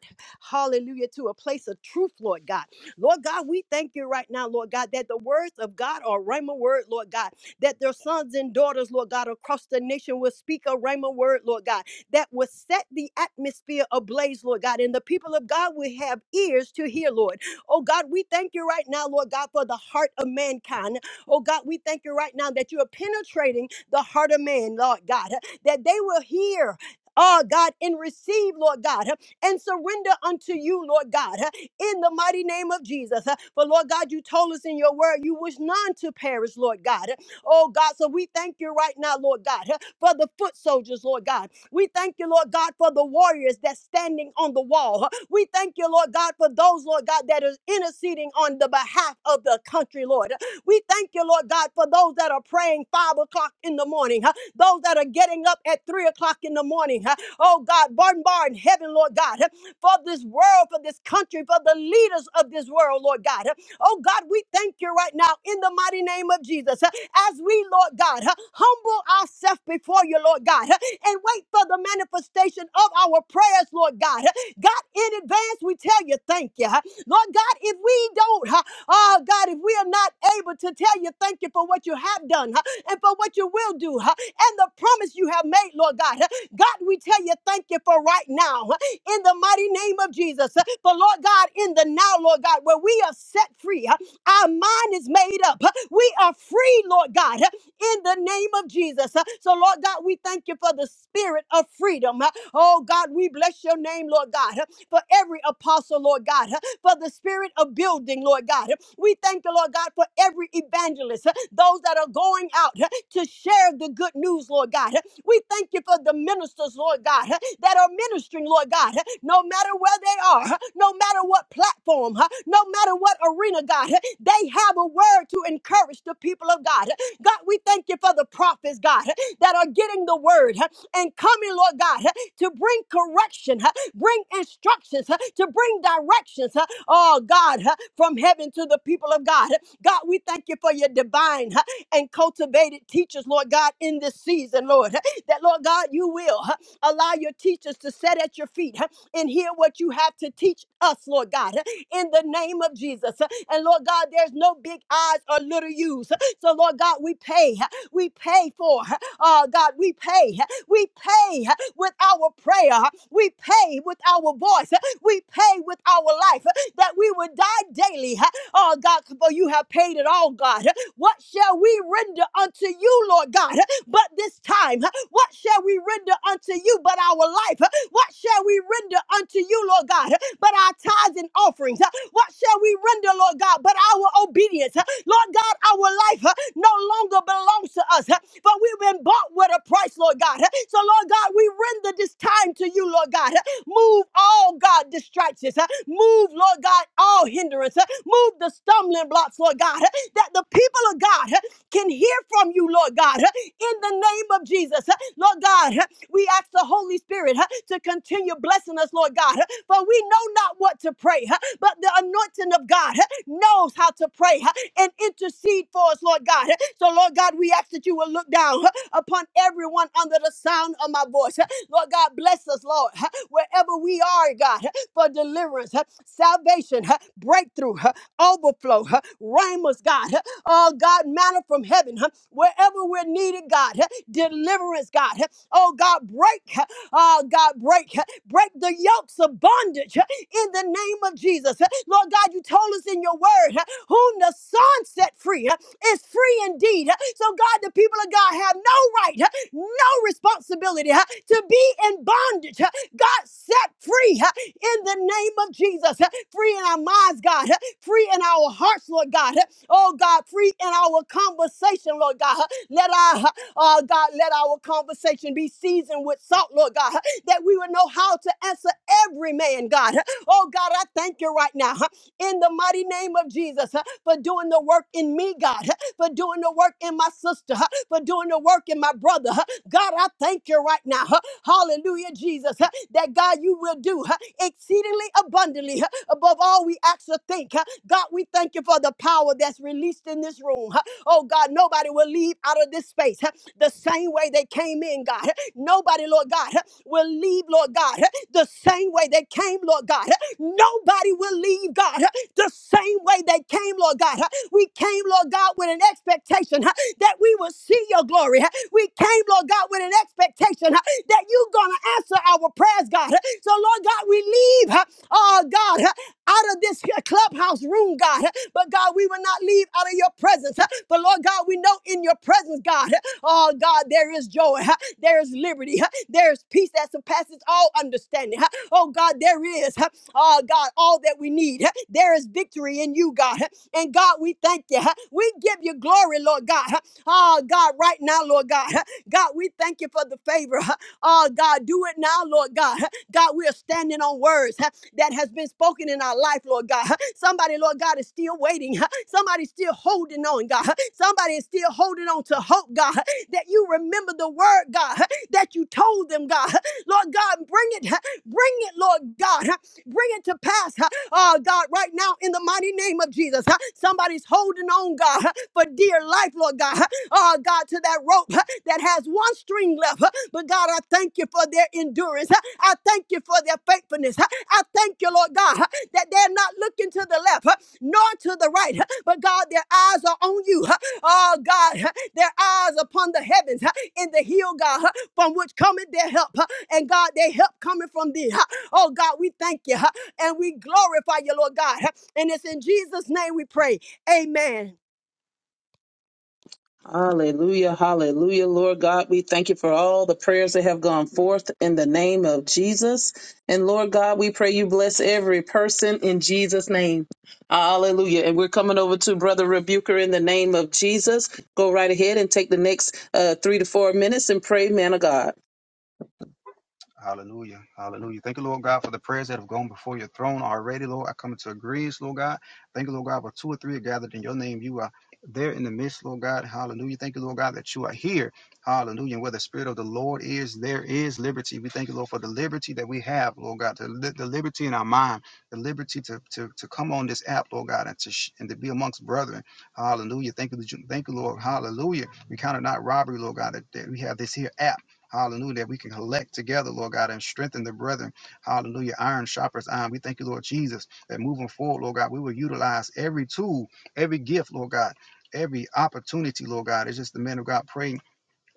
[SPEAKER 1] hallelujah, to a place of truth, Lord God. Lord God, we thank you right now, Lord God, that the words of God are Rhema word, Lord God, that their sons and daughters, Lord God, across the nation will speak a Rhema word, Lord God, that will set the atmosphere ablaze, Lord God, and the people of God will have ears to hear, Lord. Oh God, we thank you right now, Lord God, for the heart of mankind. Oh God, we thank you right now that you are penetrating the heart of man, Lord God, that they will hear. Oh God, and receive, Lord God, and surrender unto you, Lord God, in the mighty name of Jesus. For Lord God, you told us in your word you wish none to perish, Lord God. Oh God, so we thank you right now, Lord God, for the foot soldiers, Lord God. We thank you, Lord God, for the warriors that's standing on the wall. We thank you, Lord God, for those, Lord God, that is interceding on the behalf of the country, Lord. We thank you, Lord God, for those that are praying five o'clock in the morning, huh? those that are getting up at three o'clock in the morning. huh? Oh God, bombard in heaven, Lord God, huh? for this world, for this country, for the leaders of this world, Lord God. huh? Oh God, we thank you right now in the mighty name of Jesus. huh? As we, Lord God, huh, humble ourselves before you, Lord God, huh, and wait for the manifestation of our prayers, Lord God. huh? God, in advance, we tell you thank you. huh? Lord God, if we don't, huh, oh God, if we are not able to tell you thank you for what you have done huh, and for what you will do huh, and the promise you have made, Lord God, huh, God, we tell you thank you for right now huh, in the mighty name of Jesus. huh, For Lord God, in the now, Lord God, where we are set free, huh, our mind is made up. huh, We are free, Lord God. huh? in the name of Jesus. Uh, So, Lord God, we thank you for the spirit of freedom. Uh, Oh, God, we bless your name, Lord God, uh, for every apostle, Lord God, uh, for the spirit of building, Lord God. Uh, We thank you, Lord God, for every evangelist, uh, those that are going out uh, to share the good news, Lord God. Uh, We thank you for the ministers, Lord God, uh, that are ministering, Lord God, uh, no matter where they are, uh, no matter what platform, uh, no matter what arena, God, uh, they have a word to encourage the people of God. God, we thank you for the prophets, God, that are getting the word and coming, Lord God, to bring correction, bring instructions, to bring directions, oh God, from heaven to the people of God. God, we thank you for your divine and cultivated teachers, Lord God, in this season, Lord, that, Lord God, you will allow your teachers to sit at your feet and hear what you have to teach us, Lord God, in the name of Jesus. And Lord God, there's no big eyes or little U's. So, Lord God, we pay. We pay for, uh, God, we pay. We pay with our prayer. We pay with our voice. We pay with our life that we would die daily. Oh, God, for you have paid it all, God. What shall we render unto you, Lord God, but this time? What shall we render unto you but our life? What shall we render unto you, Lord God, but our tithes and offerings? What shall we render, Lord God, but our obedience? Lord God, our life uh, no longer belongs to us, uh, but we've been bought with a price, Lord God. Uh, So, Lord God, we render this time to you, Lord God. Uh, Move all, God, distractions. uh, Move, Lord God, all hindrance. uh, Move the stumbling blocks, Lord God, uh, that the people of God uh, can hear from you, Lord God. uh, in the name of Jesus. Lord God, we ask the Holy Spirit to continue blessing us, Lord God, for we know not what to pray, but the anointing of God knows how to pray and intercede for us, Lord God. So, Lord God, we ask that you will look down upon everyone under the sound of my voice. Lord Lord God, bless us, Lord, wherever we are, God, for deliverance, salvation, breakthrough, overflow, Ramus, God, oh God, manna from heaven, wherever we're needed, God, deliverance, God, oh God, break, oh God, break, break the yokes of bondage in the name of Jesus. Lord God, you told us in your word, whom the Son set free is free indeed. So, God, the people of God have no right, no responsibility to be in bondage. God, set free in the name of Jesus. Free in our minds, God. Free in our hearts, Lord God. Oh, God, free in our conversation, Lord God. Let our, uh, God, let our conversation be seasoned with salt, Lord God that we would know how to answer every man, God. Oh, God, I thank you right now huh, in the mighty name of Jesus huh, for doing the work in me, God, huh, for doing the work in my sister, huh, for doing the work in my brother. huh. God, I thank you right now. huh, Hallelujah, Jesus, huh, that God, you will do huh, exceedingly abundantly huh, above all we actually think. huh. God, we thank you for the power that's released in this room. huh. Oh, God, nobody will leave out of this space huh, the same way they they came in, God. Nobody, Lord God, will leave, Lord God, the same way they came, Lord God. Nobody will leave, God, the same way they came, Lord God. We came, Lord God, with an expectation that we will see your glory. We came, Lord God, with an expectation that you're going to answer our prayers, God. So, Lord God, we leave, oh God, out of out of this here clubhouse room, God. But God, we will not leave out of your presence. But Lord God, we know in your presence, God, oh God, there is joy, there is liberty, there is peace that surpasses all understanding. Oh God, there is, oh God, all that we need. There is victory in you, God. And God, we thank you. We give you glory, Lord God. Oh God, right now, Lord God. God, we thank you for the favor. Oh, God, do it now, Lord God. God, we are standing on words huh, that has been spoken in our life, Lord God. Somebody, Lord God, is still waiting. huh. Somebody's still holding on, God. Somebody is still holding on to hope, God, that you remember the word, God, that you told them, God. Lord God, bring it, huh? bring it, Lord God, huh? bring it to pass, huh? oh God, right now in the mighty name of Jesus. huh? Somebody's holding on, God, huh, for dear life, Lord God, huh? oh God, to that rope huh, that has one string left. huh? But God, I thank you for their endurance. huh? I thank you for their faithfulness. huh? I thank you, Lord God, huh, that they're not looking to the left huh, nor to the right, huh? but God, their eyes are on you. huh? Oh God, huh? their eyes upon the heavens huh? in the hill, God, huh, from which cometh their help. huh? And God, they help coming from thee. Oh God, we thank you. And we glorify you, Lord God. And it's in Jesus' name we pray. Amen.
[SPEAKER 2] Hallelujah, hallelujah, Lord God. We thank you for all the prayers that have gone forth in the name of Jesus. And Lord God, we pray you bless every person in Jesus' name. Hallelujah. And we're coming over to Brother Rebuker in the name of Jesus. Go right ahead and take the next uh, three to four minutes and pray, man of God.
[SPEAKER 4] Hallelujah. Hallelujah. Thank you, Lord God, for the prayers that have gone before your throne already, Lord. I come into agreement, Lord God. Thank you, Lord God, where two or three are gathered in your name. You are there in the midst, Lord God. Hallelujah. Thank you, Lord God, that you are here. Hallelujah. And where the Spirit of the Lord is, there is liberty. We thank you, Lord, for the liberty that we have, Lord God, the, li- the liberty in our mind, the liberty to, to, to come on this app, Lord God, and to, sh- and to be amongst brethren. Hallelujah. Thank you, that you- thank you, Lord. Hallelujah. We count it not robbery, Lord God, that, that we have this here app. Hallelujah. That we can collect together, Lord God, and strengthen the brethren. Hallelujah. Iron sharpers iron. We thank you, Lord Jesus, that moving forward, Lord God, we will utilize every tool, every gift, Lord God. Every opportunity, Lord God, It's just the man of God praying.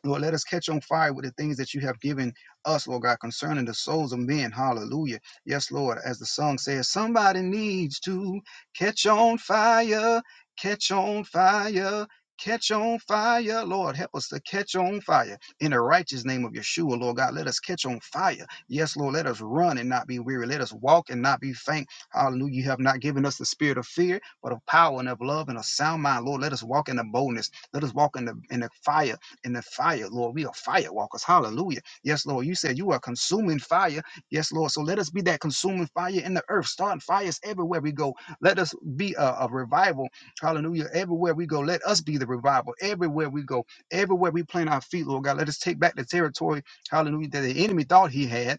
[SPEAKER 4] Lord, let us catch on fire with the things that you have given us, Lord God, concerning the souls of men. Hallelujah. Yes, Lord, as the song says, somebody needs to catch on fire, catch on fire. Catch on fire, Lord. Help us to catch on fire in the righteous name of Yeshua, Lord God. Let us catch on fire. Yes, Lord. Let us run and not be weary. Let us walk and not be faint. Hallelujah. You have not given us the spirit of fear, but of power and of love and of sound mind, Lord. Let us walk in the boldness. Let us walk in the in the fire in the fire, Lord. We are firewalkers. Hallelujah. Yes, Lord. You said you are consuming fire. Yes, Lord. So let us be that consuming fire in the earth, starting fires everywhere we go. Let us be a, a revival. Hallelujah. Everywhere we go, let us be the revival. Everywhere we go, everywhere we plant our feet, Lord God, let us take back the territory. Hallelujah. That the enemy thought he had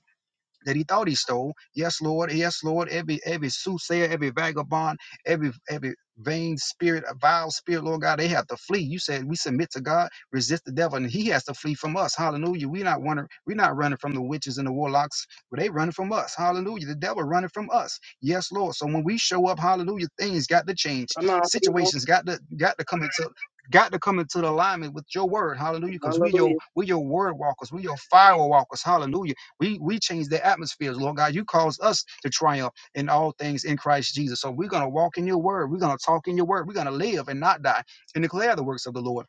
[SPEAKER 4] that he thought he stole. Yes, Lord. Yes, Lord. Every every soothsayer, every vagabond, every every vain spirit, a vile spirit, Lord God, they have to flee. You said we submit to God, resist the devil, and he has to flee from us. Hallelujah. We're not running, we're not running from the witches and the warlocks, but they running from us. Hallelujah. The devil running from us. Yes, Lord. So when we show up, hallelujah, things got to change.
[SPEAKER 2] Come on, people.
[SPEAKER 4] Situations got to got to come into got to come into the alignment with your word, hallelujah, because we your
[SPEAKER 2] Hallelujah.
[SPEAKER 4] we your word walkers, we your fire walkers, hallelujah. We we change the atmospheres, Lord God. You cause us to triumph in all things in Christ Jesus. So we're gonna walk in your word. We're gonna talk in your word. We're gonna live and not die and declare the works of the Lord.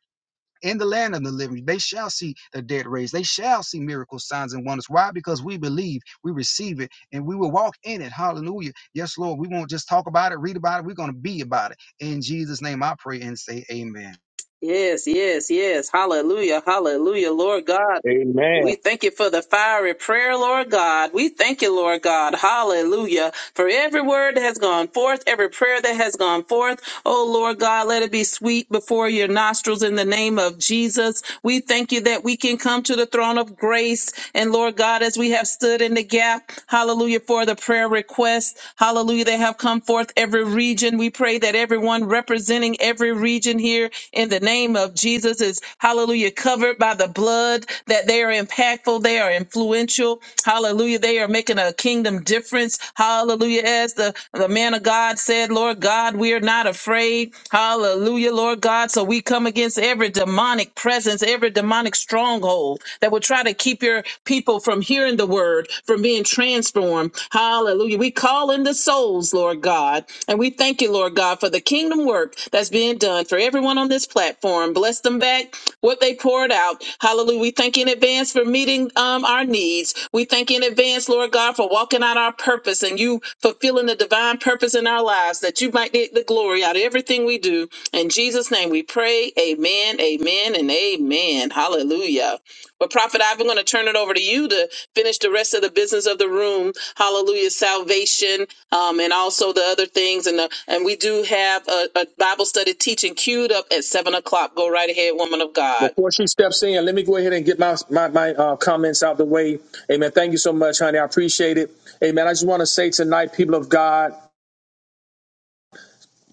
[SPEAKER 4] In the land of the living, they shall see the dead raised. They shall see miracles, signs, and wonders. Why? Because we believe, we receive it, and we will walk in it. Hallelujah. Yes, Lord, we won't just talk about it, read about it. We're going to be about it. In Jesus' name, I pray and say amen.
[SPEAKER 2] Yes, yes, yes. Hallelujah. Hallelujah. Lord God.
[SPEAKER 3] Amen.
[SPEAKER 2] We thank you for the fiery prayer, Lord God. We thank you, Lord God. Hallelujah. For every word that has gone forth, every prayer that has gone forth. Oh, Lord God, let it be sweet before your nostrils in the name of Jesus. We thank you that we can come to the throne of grace. And Lord God, as we have stood in the gap, hallelujah, for the prayer requests, hallelujah, they have come forth every region. We pray that everyone representing every region here in the name of Jesus is, hallelujah, covered by the the blood, that they are impactful, they are influential. Hallelujah. They are making a kingdom difference. Hallelujah. As the, the man of God said, Lord God, we are not afraid. Hallelujah, Lord God. So we come against every demonic presence, every demonic stronghold that will try to keep your people from hearing the word, from being transformed. Hallelujah. We call in the souls, Lord God. And we thank you, Lord God, for the kingdom work that's being done for everyone on this platform. Bless them back what they poured out. Hallelujah. We thank you in advance for meeting um, our needs. We thank you in advance, Lord God, for walking out our purpose and you fulfilling the divine purpose in our lives that you might get the glory out of everything we do. In Jesus' name we pray. Amen, amen, and amen. Hallelujah. Well, Prophet Ivan, I'm going to turn it over to you to finish the rest of the business of the room. Hallelujah. Salvation um, and also the other things. And the, and we do have a, a Bible study teaching queued up at seven o'clock. Go right ahead, woman of God.
[SPEAKER 3] Before she steps in, let me go ahead and get my my, my uh, comments out the way. Amen. Thank you so much, honey. I appreciate it. Amen. I just want to say tonight, people of God.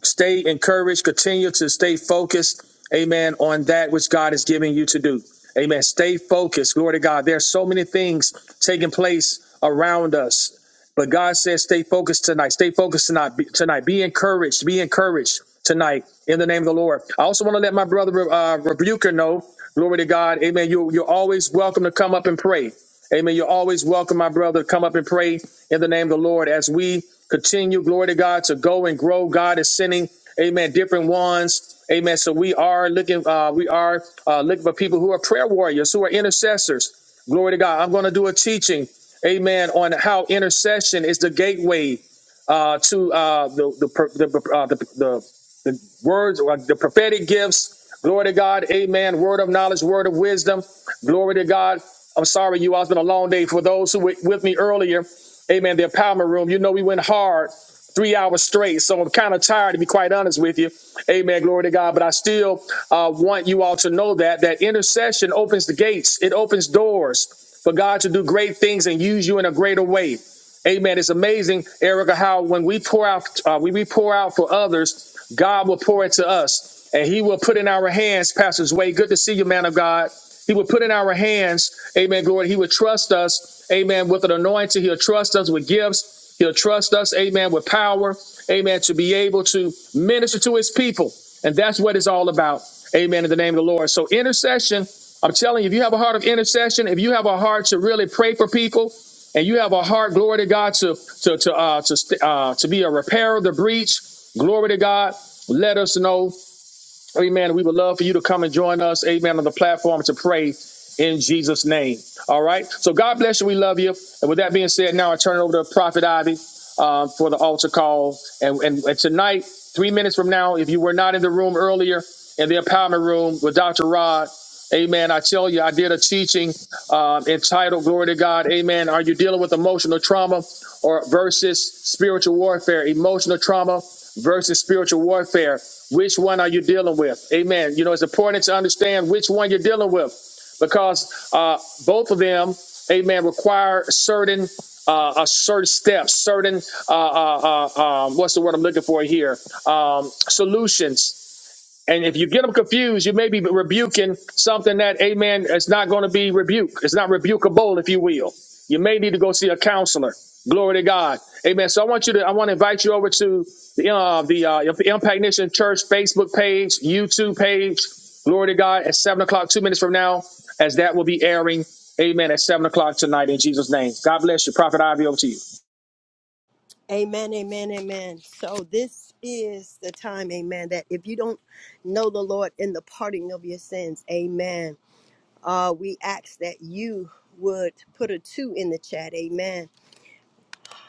[SPEAKER 3] stay encouraged, continue to stay focused, amen, on that which God is giving you to do. Amen. Stay focused. Glory to God. There are so many things taking place around us. But God says, stay focused tonight. Stay focused tonight. Be, tonight. Be encouraged. Be encouraged tonight in the name of the Lord. I also want to let my brother uh, Rebuker know, glory to God, amen. You, you're always welcome to come up and pray. Amen. You're always welcome, my brother. Come up and pray in the name of the Lord as we continue, glory to God, to go and grow. God is sending, amen, different ones. Amen. So we are looking, uh, we are uh, looking for people who are prayer warriors, who are intercessors. Glory to God. I'm going to do a teaching, amen, on how intercession is the gateway uh, to uh, the the per- the, uh, the the the words or the prophetic gifts. Glory to God, Amen. Word of knowledge, word of wisdom. Glory to God. I'm sorry, you all. It's been a long day. For those who were with me earlier, Amen. The empowerment room. You know we went hard, three hours straight. So I'm kind of tired, to be quite honest with you. Amen. Glory to God. But I still uh, want you all to know that that intercession opens the gates. It opens doors for God to do great things and use you in a greater way. Amen. It's amazing, Erica, how when we pour out, uh, when we pour out for others, God will pour into us, and He will put in our hands, Pastor Zway. Good to see you, man of God. He will put in our hands, Amen. Glory. He will trust us, Amen, with an anointing. He'll trust us with gifts. He'll trust us, Amen, with power, Amen, to be able to minister to His people, and that's what it's all about. Amen. In the name of the Lord. So intercession I'm telling you, if you have a heart of intercession, if you have a heart to really pray for people, and you have a heart, glory to God, to to to uh, to st- uh, to be a repairer of the breach, glory to God. Let us know. Amen. We would love for you to come and join us, amen, on the platform to pray in Jesus' name. All right. So God bless you. We love you. And with that being said, now I turn it over to Prophet Ivy uh, for the altar call. And, and, and tonight, three minutes from now, if you were not in the room earlier in the empowerment room with Dr. Rod, Amen. I tell you, I did a teaching um, entitled Glory to God. Amen. Are you dealing with emotional trauma or versus spiritual warfare? Emotional trauma versus spiritual warfare. Which one are you dealing with? Amen. You know, it's important to understand which one you're dealing with because uh, both of them, amen, require certain. Uh, uh, certain steps, certain uh, uh, uh, um, what's the word I'm looking for here? Um, solutions and if you get them confused, you may be rebuking something that, amen, It's not going to be rebuked. It's not rebukable, if you will. You may need to go see a counselor. Glory to God. Amen. So I want you to, I want to invite you over to the, uh, the uh, Impact Nation Church Facebook page, YouTube page. Glory to God at 7 o'clock, two minutes from now, as that will be airing. Amen. At 7 o'clock tonight in Jesus' name. God bless you. Prophet Ivy, over to you.
[SPEAKER 1] Amen, amen, amen. So this is the time, amen, that if you don't know the Lord in the parting of your sins, amen. Uh, we ask that you would put a two in the chat, amen.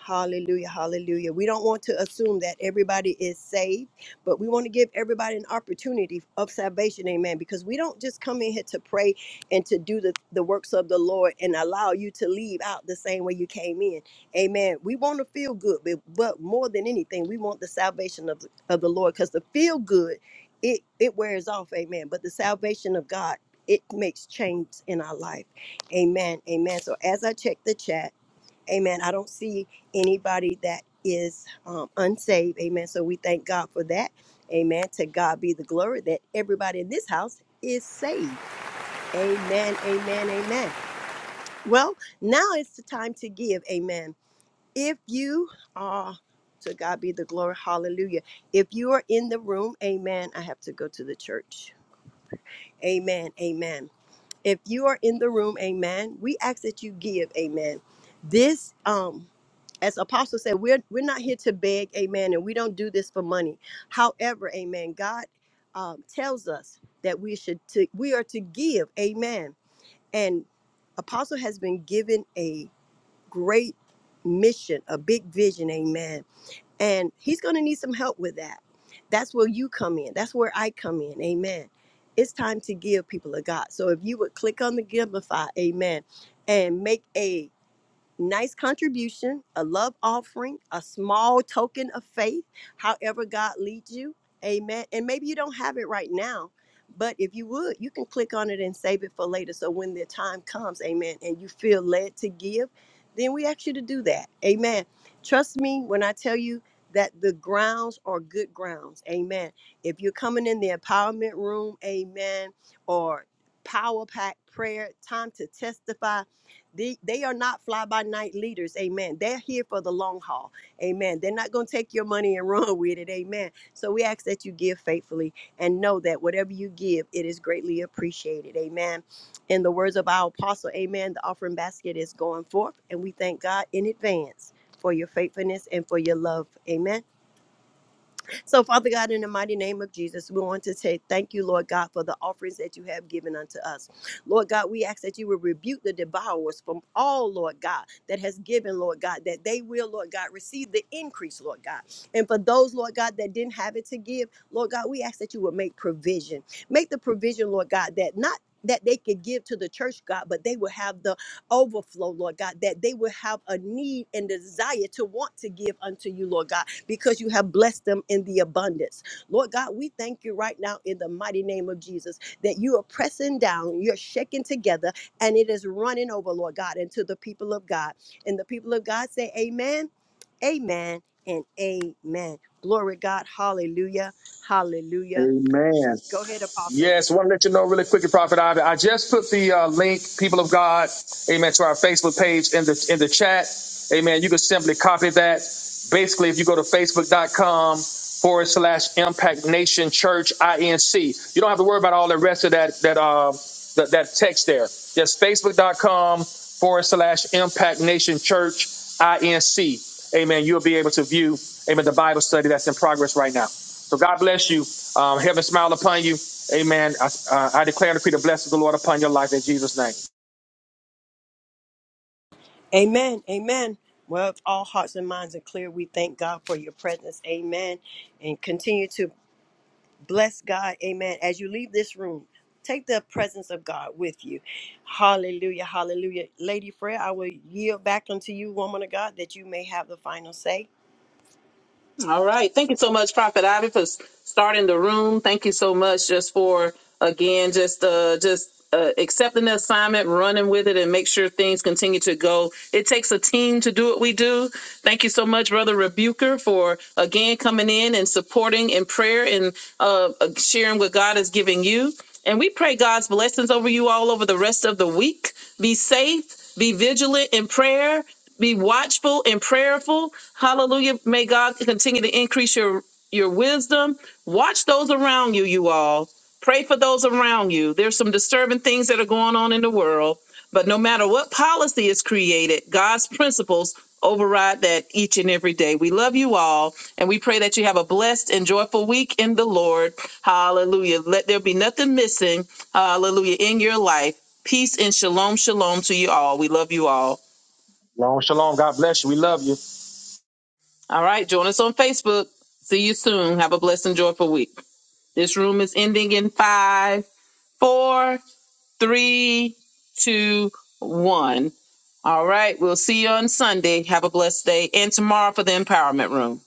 [SPEAKER 1] Hallelujah. Hallelujah. We don't want to assume that everybody is saved, but we want to give everybody an opportunity of salvation. Amen. Because we don't just come in here to pray and to do the, the works of the Lord and allow you to leave out the same way you came in. Amen. We want to feel good, but, but more than anything, we want the salvation of, of the Lord because the feel good, it, it wears off. Amen. But the salvation of God, it makes change in our life. Amen. Amen. So as I check the chat, Amen. I don't see anybody that is um, unsaved. Amen. So we thank God for that. Amen. To God be the glory that everybody in this house is saved. Amen. Amen. Amen. Well, now it's the time to give. Amen. If you are, to God be the glory. Hallelujah. If you are in the room, amen. I have to go to the church. Amen. Amen. If you are in the room, amen, we ask that you give, amen. This um as apostle said we're we're not here to beg amen and we don't do this for money however amen god um, tells us that we should to, we are to give amen and apostle has been given a great mission a big vision amen and he's going to need some help with that. That's where you come in. That's where I come in. Amen. It's time to give people of God. So if you would click on the Giveify, amen, and make a nice contribution, a love offering, a small token of faith, however God leads you. Amen. And maybe you don't have it right now, but if you would, you can click on it and save it for later. So when the time comes, amen, and you feel led to give, then we ask you to do that. Amen. Trust me when I tell you that the grounds are good grounds. Amen. If you're coming in the empowerment room, amen, or power pack prayer, time to testify, they, they are not fly by night leaders. Amen. They're here for the long haul. Amen. They're not going to take your money and run with it. Amen. So we ask that you give faithfully and know that whatever you give, it is greatly appreciated. Amen. In the words of our apostle, amen, the offering basket is going forth, and we thank God in advance for your faithfulness and for your love. Amen. So, Father God, in the mighty name of Jesus, we want to say thank you, Lord God, for the offerings that you have given unto us. Lord God, we ask that you will rebuke the devourers from all, Lord God, that has given, Lord God, that they will, Lord God, receive the increase, Lord God. And for those, Lord God, that didn't have it to give, Lord God, we ask that you would make provision. Make the provision, Lord God, that not that they could give to the church, God, but they will have the overflow, Lord God, that they will have a need and desire to want to give unto you, Lord God because you have blessed them in the abundance. Lord God, we thank you right now in the mighty name of Jesus that you are pressing down, you're shaking together, and it is running over, Lord God, into the people of God. And the people of God say, Amen, Amen, and Amen. Glory God, hallelujah, hallelujah.
[SPEAKER 3] Amen.
[SPEAKER 1] Go ahead, Apostle.
[SPEAKER 3] Yes, want to let you know really quickly, Prophet Ivy. I just put the uh, link, people of God, amen, to our Facebook page in the in the chat. Amen. You can simply copy that. Basically, if you go to facebook.com forward slash impact nation church inc, you don't have to worry about all the rest of that that uh that, that text there. Just facebook.com forward slash impact nation church inc amen, you'll be able to view, amen, the Bible study that's in progress right now. So God bless you. Um, heaven smile upon you. Amen. I, uh, I declare and decree the blessings of the Lord upon your life in Jesus' name.
[SPEAKER 1] Amen. Amen. Well, if all hearts and minds are clear, we thank God for your presence. Amen. And continue to Bless God. Amen. As you leave this room, take the presence of God with you. Hallelujah. Hallelujah. Lady Freya, I will yield back unto you, woman of God, that you may have the final say.
[SPEAKER 2] All right. Thank you so much, Prophet Ivy, for s- starting the room. Thank you so much just for again just uh just uh, accepting the assignment, running with it, and make sure things continue to go. It takes a team to do what we do. Thank you so much, Brother Rebuker, for again coming in and supporting in prayer and uh, uh, sharing what God is giving you. And we pray God's blessings over you all over the rest of the week. Be safe, be vigilant in prayer, be watchful and prayerful. Hallelujah. May God continue to increase your your wisdom. Watch those around you, you all. Pray for those around you. There's some disturbing things that are going on in the world, but no matter what policy is created, God's principles override that each and every day. We love you all, and we pray that you have a blessed and joyful week in the Lord. Hallelujah. Let there be nothing missing, hallelujah, in your life. Peace and shalom, shalom to you all. We love you all.
[SPEAKER 3] Long shalom. God bless you. We love you.
[SPEAKER 2] All right, join us on Facebook. See you soon. Have a blessed and joyful week. This room is ending in five, four, three, two, one. All right, we'll see you on Sunday. Have a blessed day and tomorrow for the empowerment room.